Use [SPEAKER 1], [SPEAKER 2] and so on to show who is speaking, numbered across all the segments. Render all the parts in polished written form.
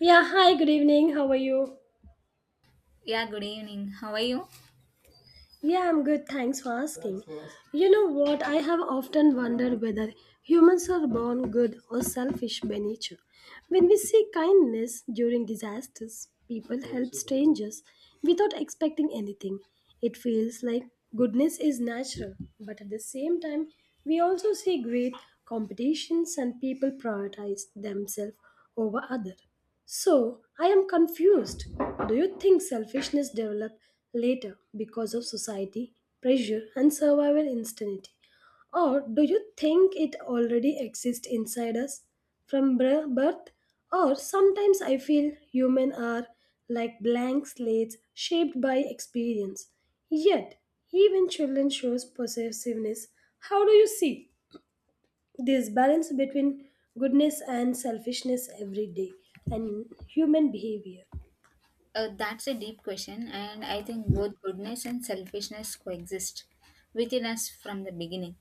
[SPEAKER 1] Yeah, hi, good evening. How are you?
[SPEAKER 2] Yeah, good evening. How are you?
[SPEAKER 1] Yeah, I'm good. Thanks for asking. You know what? I have often wondered whether humans are born good or selfish by nature. When we see kindness during disasters, people help strangers without expecting anything. It feels like goodness is natural, but at the same time, we also see great competitions and people prioritize themselves over others. So, I am confused. Do you think selfishness develop later because of society, pressure and survival instinct? Or do you think it already exists inside us from birth? Or sometimes I feel human are like blank slates shaped by experience. Yet, even children shows possessiveness. How do you see this balance between goodness and selfishness every day and human behavior?
[SPEAKER 2] That's a deep question, and I think both goodness and selfishness coexist within us from the beginning.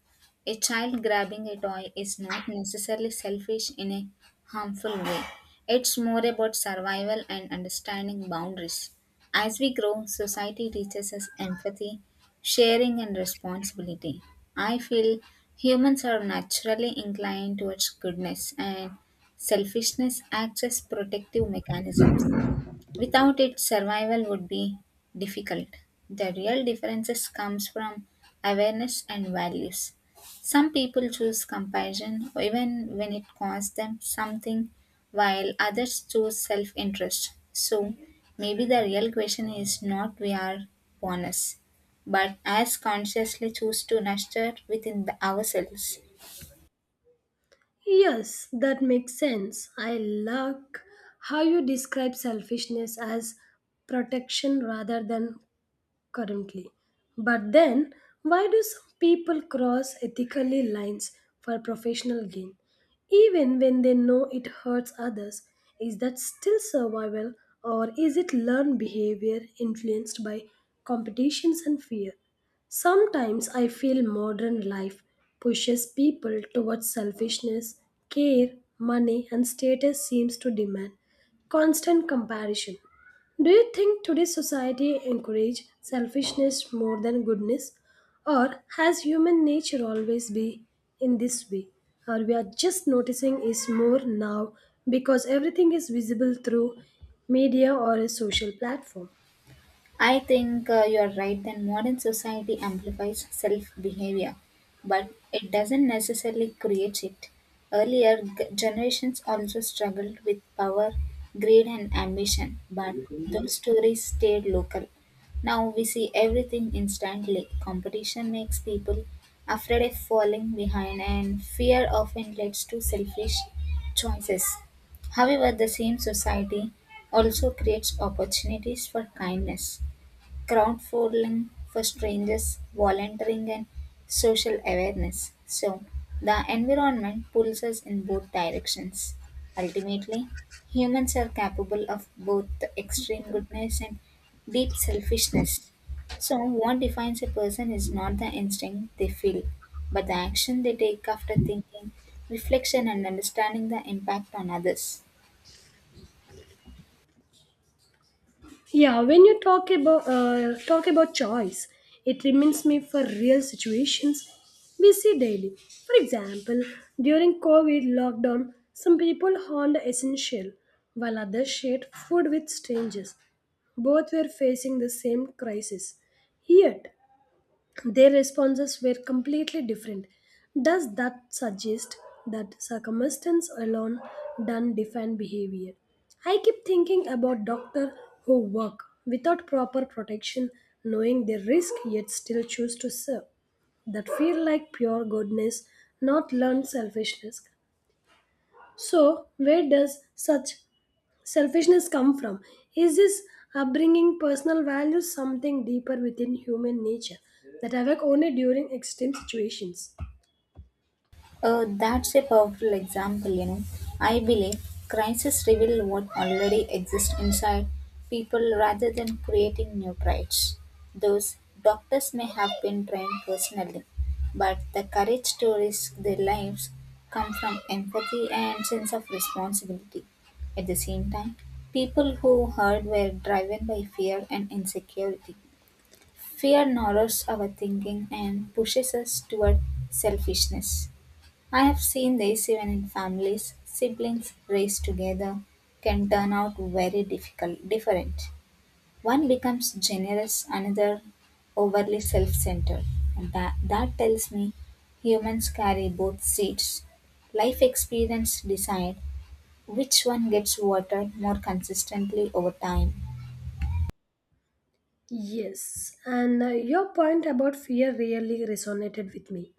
[SPEAKER 2] A child grabbing a toy is not necessarily selfish in a harmful way, it's more about survival and understanding boundaries. As we grow, society teaches us empathy, sharing, and responsibility. I feel humans are naturally inclined towards goodness, and selfishness acts as protective mechanisms. Without it, survival would be difficult. The real differences comes from awareness and values. Some people choose compassion even when it costs them something, while others choose self-interest. So maybe the real question is not we are bonus, but as consciously choose to nurture within the ourselves.
[SPEAKER 1] Yes, that makes sense. I like how you describe selfishness as protection rather than currently. But then, why do some people cross ethically lines for professional gain, even when they know it hurts others? Is that still survival, or is it learned behavior influenced by competitions and fear? Sometimes I feel modern life pushes people towards selfishness, care, money, and status seems to demand constant comparison. Do you think today's society encourage selfishness more than goodness? Or has human nature always been in this way? Or we are just noticing is more now because everything is visible through media or a social platform.
[SPEAKER 2] I think you're right that modern society amplifies self behavior, but it doesn't necessarily create it. Earlier generations also struggled with power, greed, and ambition, but those stories stayed local. Now we see everything instantly. Competition makes people afraid of falling behind, and fear often leads to selfish choices. However, the same society also creates opportunities for kindness crowdfunding for strangers, volunteering, and social awareness. So, the environment pulls us in both directions. Ultimately, humans are capable of both extreme goodness and deep selfishness. So, what defines a person is not the instinct they feel, but the action they take after thinking, reflection, and understanding the impact on others.
[SPEAKER 1] Yeah, when you talk about choice, it reminds me for real situations we see daily. For example, during COVID lockdown, some people honed essential, while others shared food with strangers. Both were facing the same crisis. Yet, their responses were completely different. Does that suggest that circumstance alone doesn't define behavior? I keep thinking about doctors who work without proper protection, knowing their risk yet still choose to serve. That feel like pure goodness, not learned selfishness. So, where does such selfishness come from? Is this upbringing personal values something deeper within human nature that awake only during extreme situations?
[SPEAKER 2] That's a powerful example, you know. I believe crises reveal what already exists inside people rather than creating new traits. Those doctors may have been trained personally, but the courage to risk their lives come from empathy and sense of responsibility. At the same time, people who hurt were driven by fear and insecurity. Fear narrows our thinking and pushes us toward selfishness. I have seen this even in families. Siblings raised together can turn out very difficult, different. One becomes generous, another overly self centered. And that tells me humans carry both seeds. Life experience decide which one gets watered more consistently over time.
[SPEAKER 1] Yes, and your point about fear really resonated with me.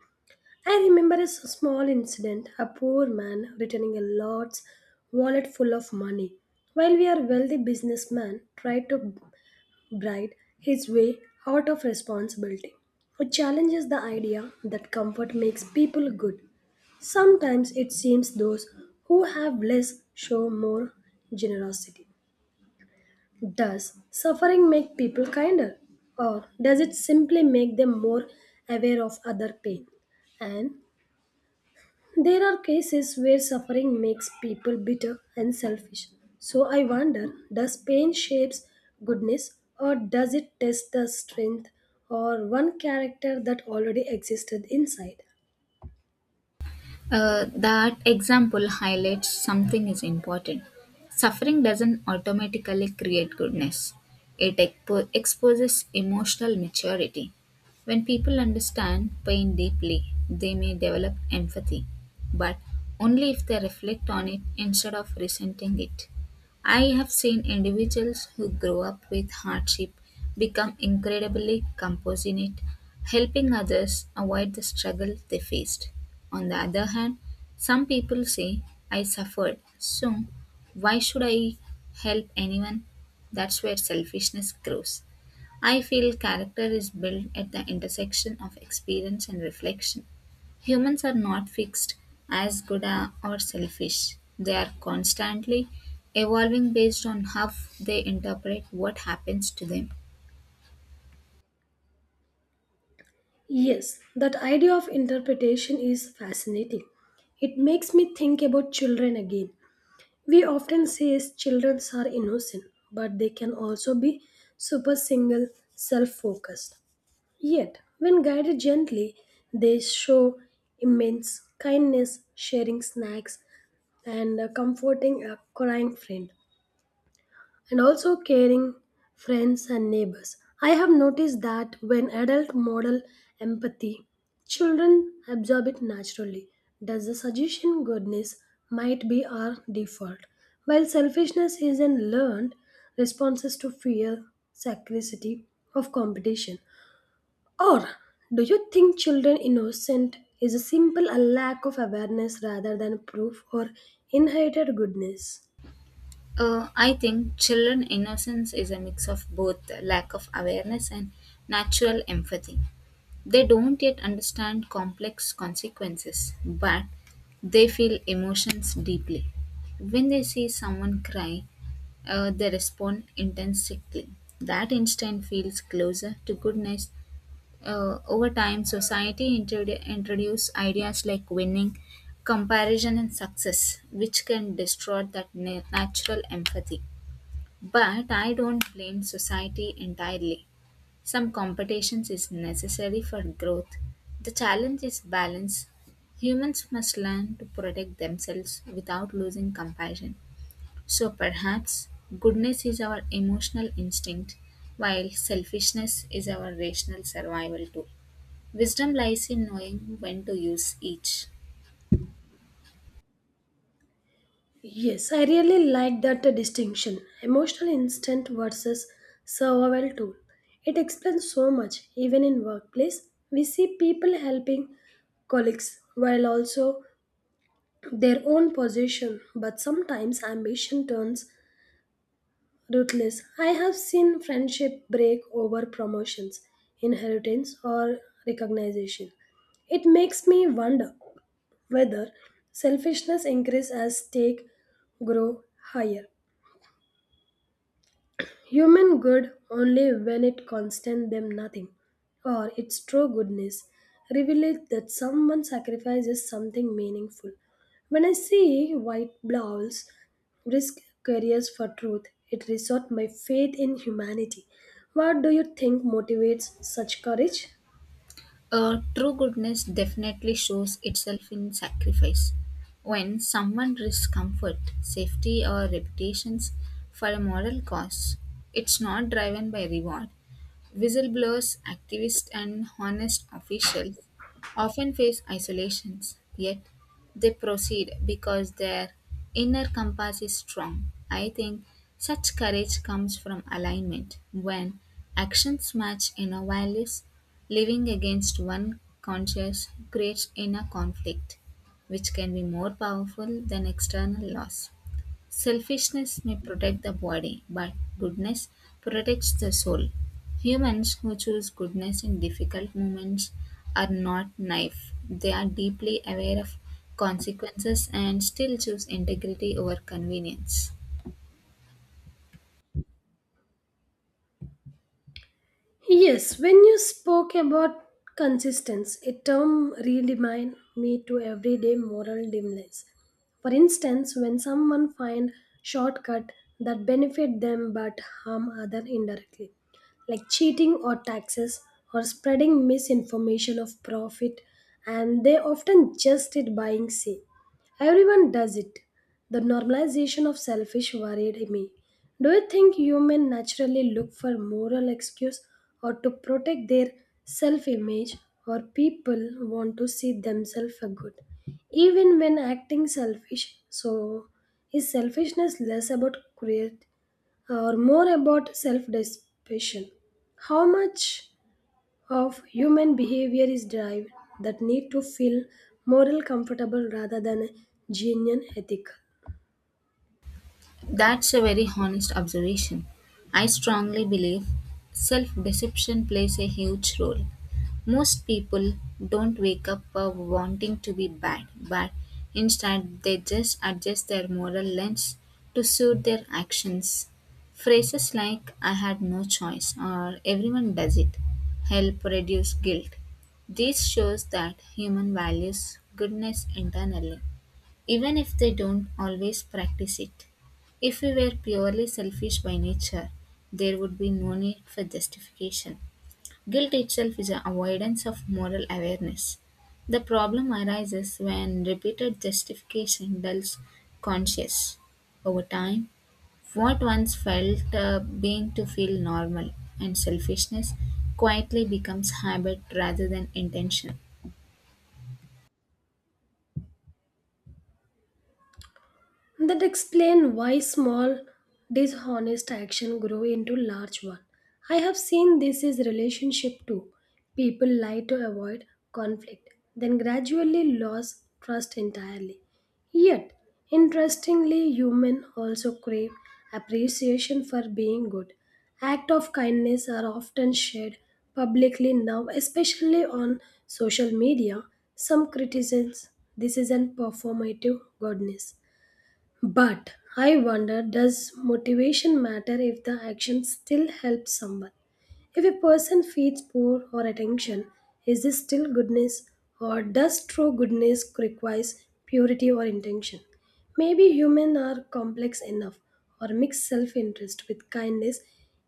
[SPEAKER 1] I remember a small incident, a poor man returning a large wallet full of money, while we are wealthy businessman tried to bright his way out of responsibility. It challenges the idea that comfort makes people good. Sometimes it seems those who have less show more generosity. Does suffering make people kinder, or does it simply make them more aware of other pain? And there are cases where suffering makes people bitter and selfish. So I wonder, does pain shapes goodness, or does it test the strength or one character that already existed inside?
[SPEAKER 2] That example highlights something is important. Suffering doesn't automatically create goodness, it exposes emotional maturity. When people understand pain deeply, they may develop empathy, but only if they reflect on it instead of resenting it. I have seen individuals who grow up with hardship become incredibly compassionate, helping others avoid the struggle they faced. On the other hand, some people say, I suffered, so why should I help anyone? That's where selfishness grows. I feel character is built at the intersection of experience and reflection. Humans are not fixed, as good or selfish. They are constantly evolving based on how they interpret what happens to them.
[SPEAKER 1] Yes, that idea of interpretation is fascinating. It makes me think about children again. We often say children are innocent, but they can also be super single, self focused. Yet, when guided gently, they show immense kindness, sharing snacks and comforting a crying friend, and also caring friends and neighbors. I have noticed that when adults model empathy, children absorb it naturally. Does the suggestion goodness might be our default, while selfishness is an learned responses to fear, scarcity of competition? Or do you think children innocent is a simple a lack of awareness rather than proof or inherited goodness?
[SPEAKER 2] I think children innocence is a mix of both lack of awareness and natural empathy. They don't yet understand complex consequences, but they feel emotions deeply. When they see someone cry, they respond intensely. That instinct feels closer to goodness. Over time, society introduce ideas like winning, comparison, and success, which can destroy that natural empathy. But I don't blame society entirely. Some competitions is necessary for growth. The challenge is balance. Humans must learn to protect themselves without losing compassion. So perhaps goodness is our emotional instinct, while selfishness is our rational survival tool. Wisdom lies in knowing when to use each.
[SPEAKER 1] Yes, I really like that distinction. Emotional instinct versus survival tool. It explains so much. Even in workplace, we see people helping colleagues while also their own position, but sometimes ambition turns ruthless. I have seen friendship break over promotions, inheritance, or recognition. It makes me wonder whether selfishness increases as stakes grow higher. Human good only when it constant them nothing, or its true goodness revealeth that someone sacrifices something meaningful. When I see white blouse risk careers for truth, it resort my faith in humanity. What do you think motivates such courage?
[SPEAKER 2] True goodness definitely shows itself in sacrifice. When someone risks comfort, safety, or reputations for a moral cause, it's not driven by reward. Whistleblowers, activists, and honest officials often face isolations, yet they proceed because their inner compass is strong. I think such courage comes from alignment when actions match inner values. Living against one conscience creates inner conflict, which can be more powerful than external loss. Selfishness may protect the body, but goodness protects the soul. Humans who choose goodness in difficult moments are not naive. They are deeply aware of consequences and still choose integrity over convenience.
[SPEAKER 1] Yes, when you spoke about consistency, a term reminded me to everyday moral dimness. For instance, when someone find shortcut that benefit them but harm other indirectly, like cheating or taxes or spreading misinformation of profit, and they often just it buying say. Everyone does it. The normalization of selfish worried me. Do you think humans naturally look for moral excuse or to protect their self-image, or people want to see themselves a good even when acting selfish? So is selfishness less about create or more about self-deception? How much of human behavior is driven that need to feel moral comfortable rather than genuine ethical?
[SPEAKER 2] That's a very honest observation. I strongly believe self deception plays a huge role. Most people don't wake up wanting to be bad, but instead they just adjust their moral lens to suit their actions. Phrases like I had no choice or everyone does it help reduce guilt. This shows that human values goodness internally even if they don't always practice it. If we were purely selfish by nature, there would be no need for justification. Guilt itself is an avoidance of moral awareness. The problem arises when repeated justification dulls conscience. Over time, what once felt being to feel normal and selfishness quietly becomes habit rather than intention.
[SPEAKER 1] That explain why small dishonest action grow into large one. I have seen this is relationship too. People lie to avoid conflict, then gradually lose trust entirely. Yet, interestingly, human also crave appreciation for being good. Act of kindness are often shared publicly now, especially on social media. Some criticisms this is an performative goodness, but I wonder, does motivation matter if the action still helps someone? If a person feeds poor or attention, is this still goodness, or does true goodness requires purity or intention? Maybe humans are complex enough or mix self-interest with kindness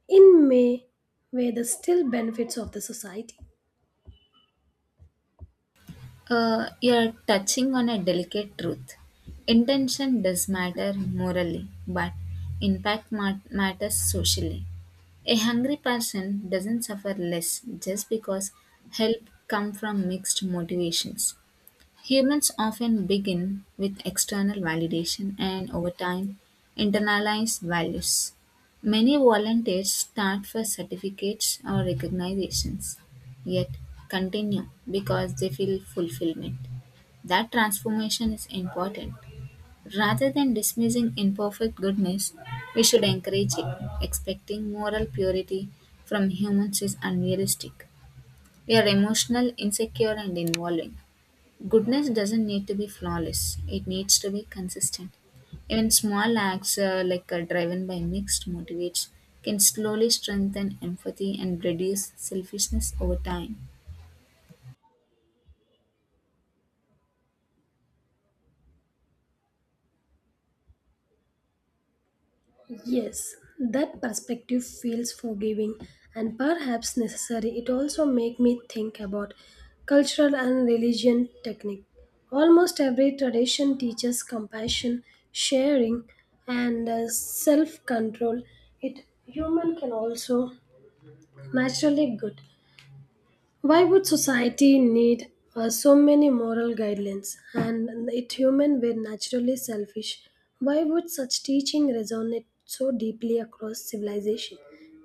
[SPEAKER 1] in may way the still benefits of the society.
[SPEAKER 2] You're touching on a delicate truth. Intention does matter morally, but impact matters socially. A hungry person doesn't suffer less just because help comes from mixed motivations. Humans often begin with external validation and, over time, internalize values. Many volunteers start for certificates or recognitions, yet continue because they feel fulfillment. That transformation is important. Rather than dismissing imperfect goodness, we should encourage it. Expecting moral purity from humans is unrealistic. We are emotional, insecure, and involving. Goodness doesn't need to be flawless, it needs to be consistent. Even small acts driven by mixed motivates can slowly strengthen empathy and reduce selfishness over time.
[SPEAKER 1] Yes, that perspective feels forgiving and perhaps necessary. It also make me think about cultural and religion technique. Almost every tradition teaches compassion, sharing, and self control. It human can also naturally good. Why would society need so many moral guidelines? And if human were naturally selfish, why would such teaching resonate so deeply across civilization?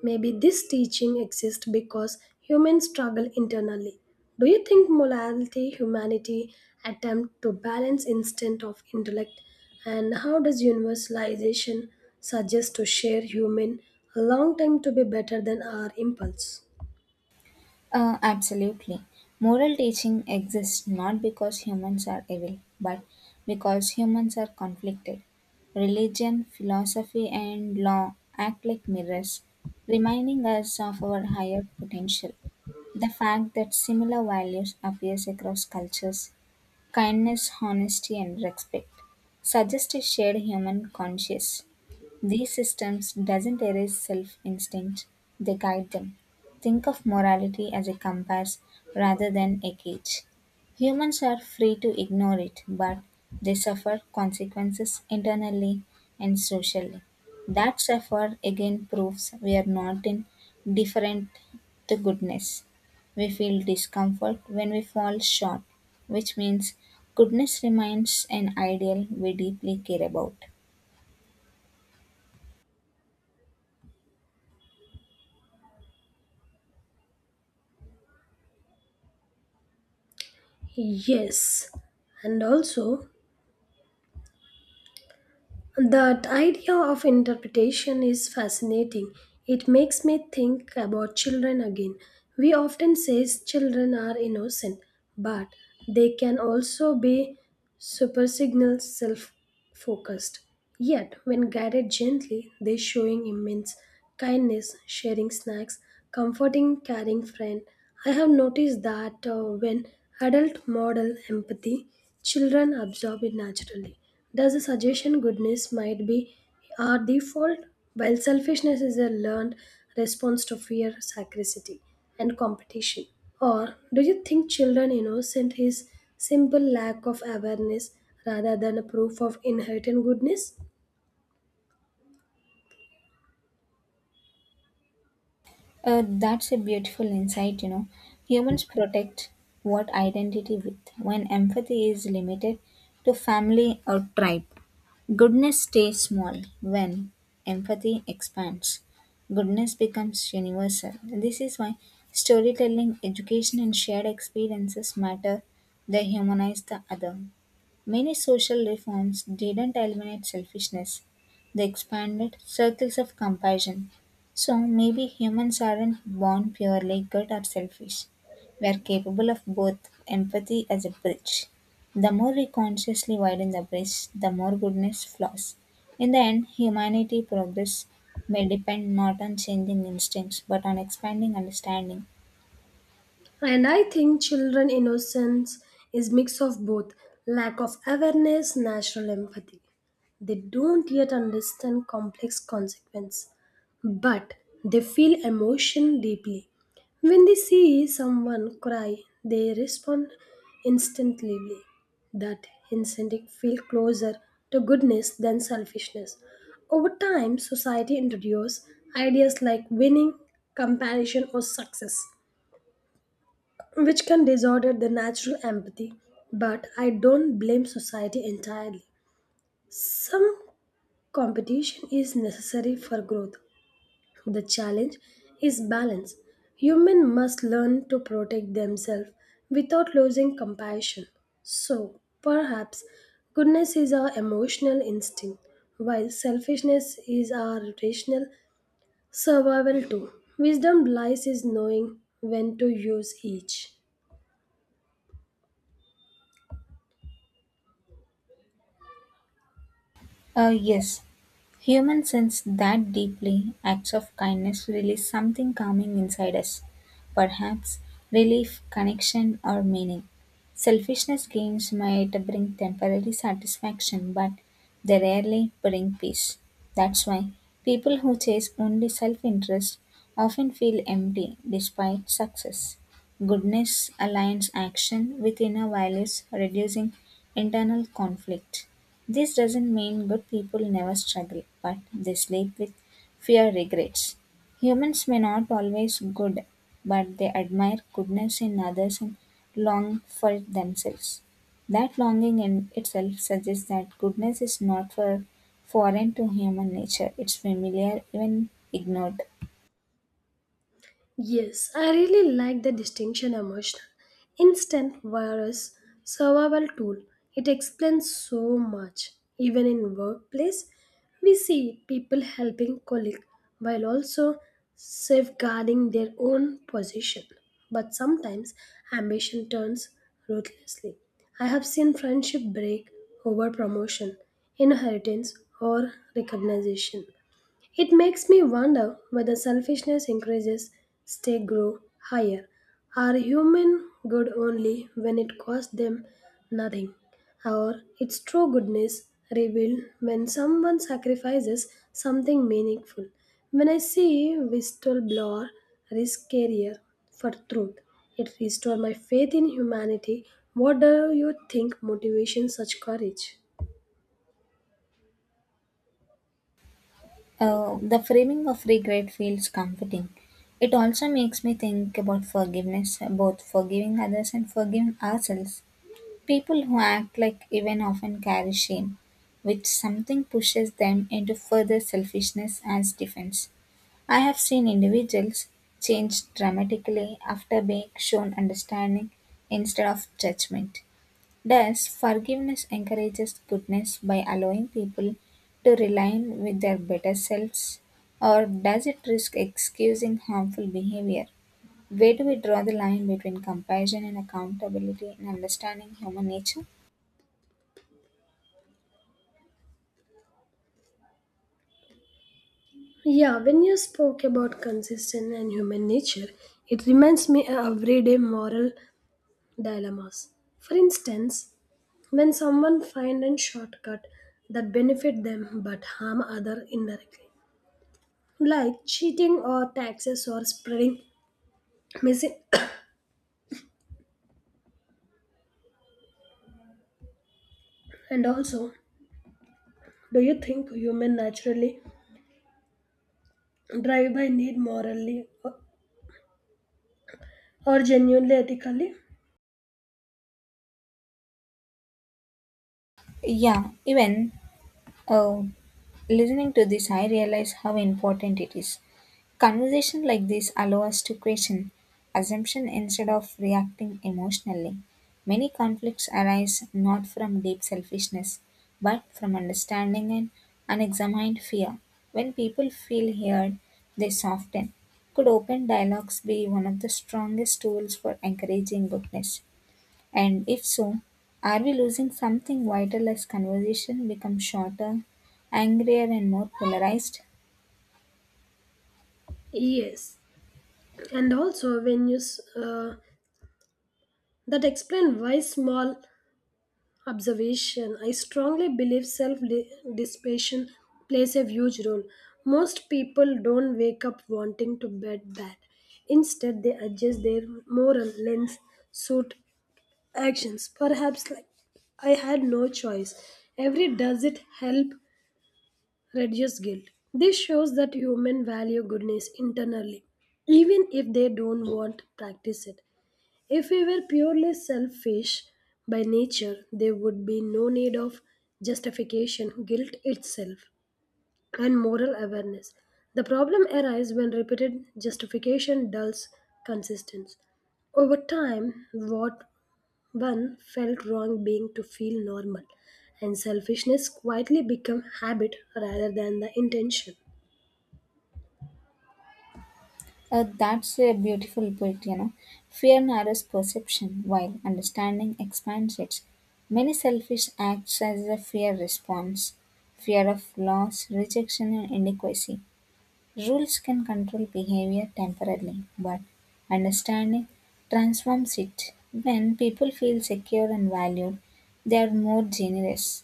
[SPEAKER 1] Maybe this teaching exists because humans struggle internally. Do you think morality, humanity attempt to balance instinct of intellect? And how does universalization suggest to share human a long time to be better than our impulse?
[SPEAKER 2] Absolutely. Moral teaching exists not because humans are evil, but because humans are conflicted. Religion, philosophy, and law act like mirrors, reminding us of our higher potential. The fact that similar values appears across cultures, kindness, honesty and respect, suggests a shared human conscience. These systems doesn't erase self-instinct, they guide them. Think of morality as a compass rather than a cage. Humans are free to ignore it, but they suffer consequences internally and socially. That suffer again proves we are not indifferent to goodness. We feel discomfort when we fall short, which means goodness remains an ideal we deeply care about.
[SPEAKER 1] Yes, and also that idea of interpretation is fascinating. It makes me think about children again. We often say children are innocent, but they can also be Supersignals self-focused. Yet, when guided gently, they showing immense kindness, sharing snacks, comforting caring friend. I have noticed that when adult model empathy, children absorb it naturally. Does the suggestion goodness might be our default, while selfishness is a learned response to fear, scarcity and competition? Or do you think children innocent is simple lack of awareness rather than a proof of inherent goodness?
[SPEAKER 2] That's a beautiful insight, you know. Humans protect what identity with when empathy is limited to family or tribe. Goodness stays small when empathy expands. Goodness becomes universal. This is why storytelling, education, and shared experiences matter. They humanize the other. Many social reforms didn't eliminate selfishness, they expanded circles of compassion. So maybe humans aren't born purely good or selfish. We are capable of both empathy as a bridge. The more we consciously widen the bridge, the more goodness flows. In the end, humanity progress may depend not on changing instincts but on expanding understanding.
[SPEAKER 1] And I think children innocence is mix of both lack of awareness, natural empathy. They don't yet understand complex consequence, but they feel emotion deeply. When they see someone cry, they respond instantly. That incentive feel closer to goodness than selfishness. Over time, society introduces ideas like winning, compassion, or success, which can disorder the natural empathy. But I don't blame society entirely. Some competition is necessary for growth. The challenge is balance. Humans must learn to protect themselves without losing compassion. So, perhaps goodness is our emotional instinct, while selfishness is our rational survival tool. Wisdom lies in knowing when to use each.
[SPEAKER 2] Yes, humans sense that deeply. Acts of kindness release something calming inside us, perhaps relief, connection, or meaning. Selfishness gains might bring temporary satisfaction, but they rarely bring peace. That's why people who chase only self interest often feel empty despite success. Goodness aligns action with inner values, reducing internal conflict. This doesn't mean good people never struggle, but they sleep with fear regrets. Humans may not always good, but they admire goodness in others and long for it themselves. That longing in itself suggests that goodness is not for foreign to human nature. It's familiar, even ignored.
[SPEAKER 1] Yes, I really like the distinction emotional. Instant virus survival tool. It explains so much. Even in workplace, we see people helping colleague while also safeguarding their own position. But sometimes ambition turns ruthlessly. I have seen friendship break over promotion, inheritance or recognition. It makes me wonder whether selfishness increases, stakes grow higher. Are human good only when it costs them nothing? Or its true goodness revealed when someone sacrifices something meaningful? When I see whistleblower risk career for truth, it restores my faith in humanity. What do you think motivates such courage?
[SPEAKER 2] The framing of regret feels comforting. It also makes me think about forgiveness, both forgiving others and forgiving ourselves. People who act like even often carry shame, which something pushes them into further selfishness as defense. I have seen individuals change dramatically after being shown understanding instead of judgment. Thus, forgiveness encourages goodness by allowing people to realign with their better selves, or does it risk excusing harmful behavior? Where do we draw the line between compassion and accountability in understanding human nature?
[SPEAKER 1] Yeah, when you spoke about consistent and human nature, it reminds me of everyday moral dilemmas. For instance, when someone finds a shortcut that benefit them but harm other indirectly, like cheating or taxes or spreading missing. And also, do you think human naturally drive by need morally, or genuinely ethically?
[SPEAKER 2] Yeah, even uh, listening to this, I realize how important it is. Conversation like this allow us to question assumption instead of reacting emotionally. Many conflicts arise not from deep selfishness, but from understanding and unexamined fear. When people feel heard, they soften. Could open dialogues be one of the strongest tools for encouraging goodness? And if so, are we losing something vital as conversation becomes shorter, angrier, and more polarized?
[SPEAKER 1] Yes, and also when that explain why small observation, I strongly believe self dissipation plays a huge role. Most people don't wake up wanting to bet bad. Instead, they adjust their moral lens, suit actions. Perhaps like I had no choice. Every does it help reduce guilt. This shows that humans value goodness internally, even if they don't want to practice it. If we were purely selfish by nature, there would be no need of justification, guilt itself, and moral awareness. The problem arises when repeated justification dulls consistency. Over time, what one felt wrong being to feel normal, and selfishness quietly become habit rather than the intention.
[SPEAKER 2] That's a beautiful point, you know. Fear narrows perception while understanding expands it. Many selfish acts as a fear response fear of loss, rejection, and inadequacy. Rules can control behavior temporarily, but understanding transforms it. When people feel secure and valued, they are more generous.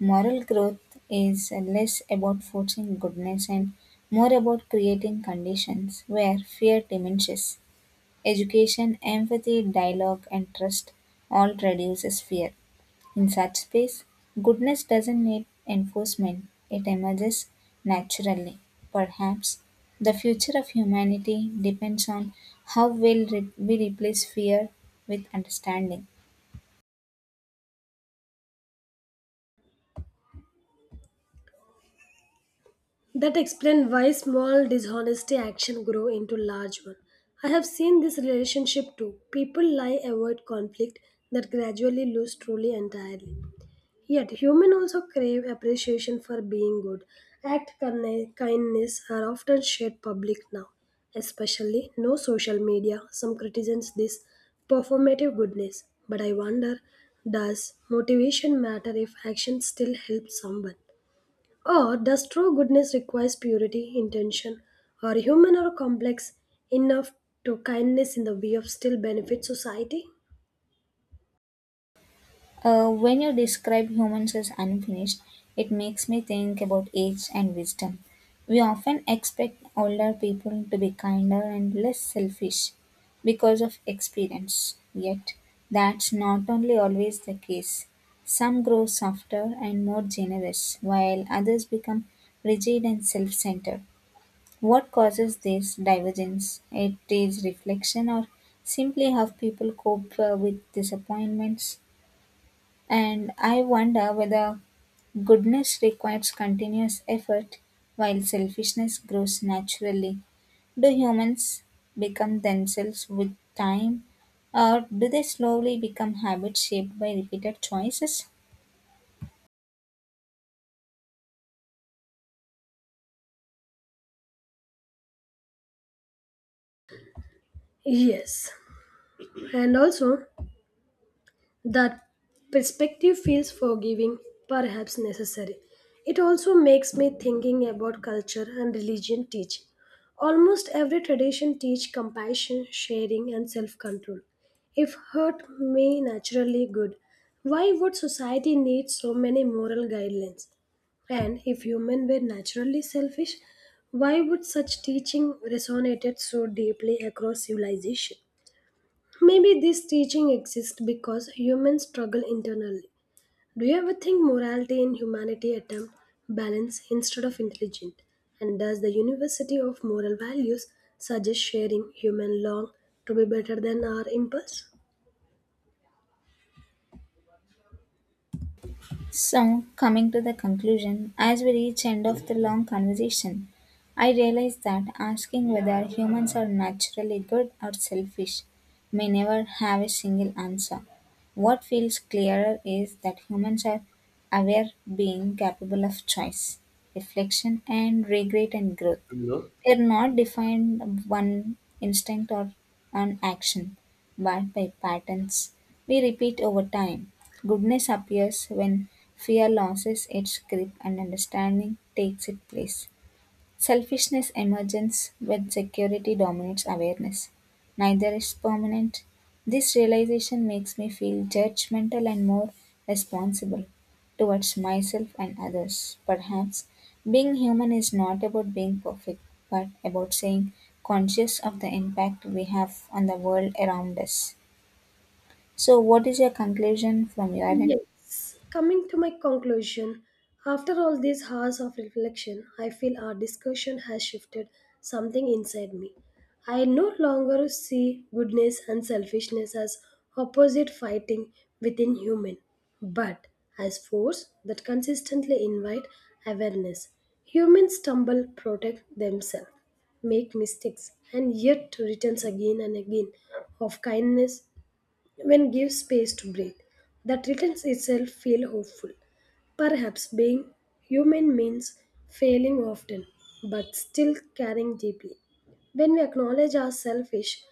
[SPEAKER 2] Moral growth is less about forcing goodness and more about creating conditions where fear diminishes. Education, empathy, dialogue, and trust all reduces fear. In such space, goodness doesn't need enforcement, it emerges naturally. Perhaps the future of humanity depends on how well we replace fear with understanding.
[SPEAKER 1] That explains why small dishonesty action grow into large one. I have seen this relationship too. People lie, avoid conflict that gradually lose truly entirely. Yet human also crave appreciation for being good. Act kindness are often shared public now, especially no social media. Some criticize this performative goodness, but I wonder, does motivation matter if action still helps someone? Or does true goodness requires purity, intention, or human or complex enough to kindness in the way of still benefit society?
[SPEAKER 2] When you describe humans as unfinished, it makes me think about age and wisdom. We often expect older people to be kinder and less selfish because of experience. Yet, that's not only always the case. Some grow softer and more generous, while others become rigid and self centered. What causes this divergence? It is reflection or simply how people cope with disappointments? And I wonder whether goodness requires continuous effort while selfishness grows naturally. Do humans become themselves with time, or do they slowly become habits shaped by repeated choices?
[SPEAKER 1] Yes. And also, that perspective feels forgiving, perhaps necessary. It also makes me thinking about culture and religion teach. Almost every tradition teach compassion, sharing and self-control. If hurt may naturally good, why would society need so many moral guidelines? And if human were naturally selfish, why would such teaching resonated so deeply across civilization? Maybe this teaching exists because humans struggle internally. Do you ever think morality and humanity attempt balance instead of intelligence? And does the University of Moral Values suggest sharing human long to be better than our impulse?
[SPEAKER 2] So, coming to the conclusion, as we reach end of the long conversation, I realize that asking whether humans are naturally good or selfish may never have a single answer. What feels clearer is that humans are aware being capable of choice, reflection and regret and growth.
[SPEAKER 1] No.
[SPEAKER 2] They are not defined by one instinct or an action bound by patterns we repeat over time. Goodness appears when fear loses its grip and understanding takes its place. Selfishness emerges when security dominates awareness. Neither is permanent. This realization makes me feel judgmental and more responsible towards myself and others. Perhaps being human is not about being perfect, but about saying conscious of the impact we have on the world around us. So, what is your conclusion from your end?
[SPEAKER 1] Yes, coming to my conclusion, after all these hours of reflection, I feel our discussion has shifted something inside me. I no longer see goodness and selfishness as opposite fighting within human, but as force that consistently invite awareness. Humans stumble, protect themselves, make mistakes, and yet returns again and again of kindness when gives space to breathe. That returns itself feel hopeful. Perhaps being human means failing often, but still caring deeply. When we acknowledge our selfish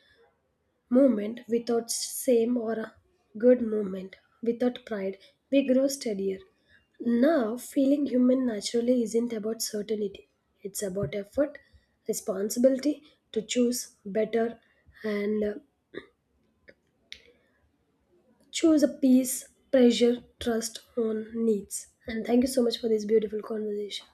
[SPEAKER 1] moment without shame or a good moment, without pride, we grow steadier. Now, feeling human naturally isn't about certainty. It's about effort, responsibility to choose better, and choose a peace, pressure, trust on needs. And thank you so much for this beautiful conversation.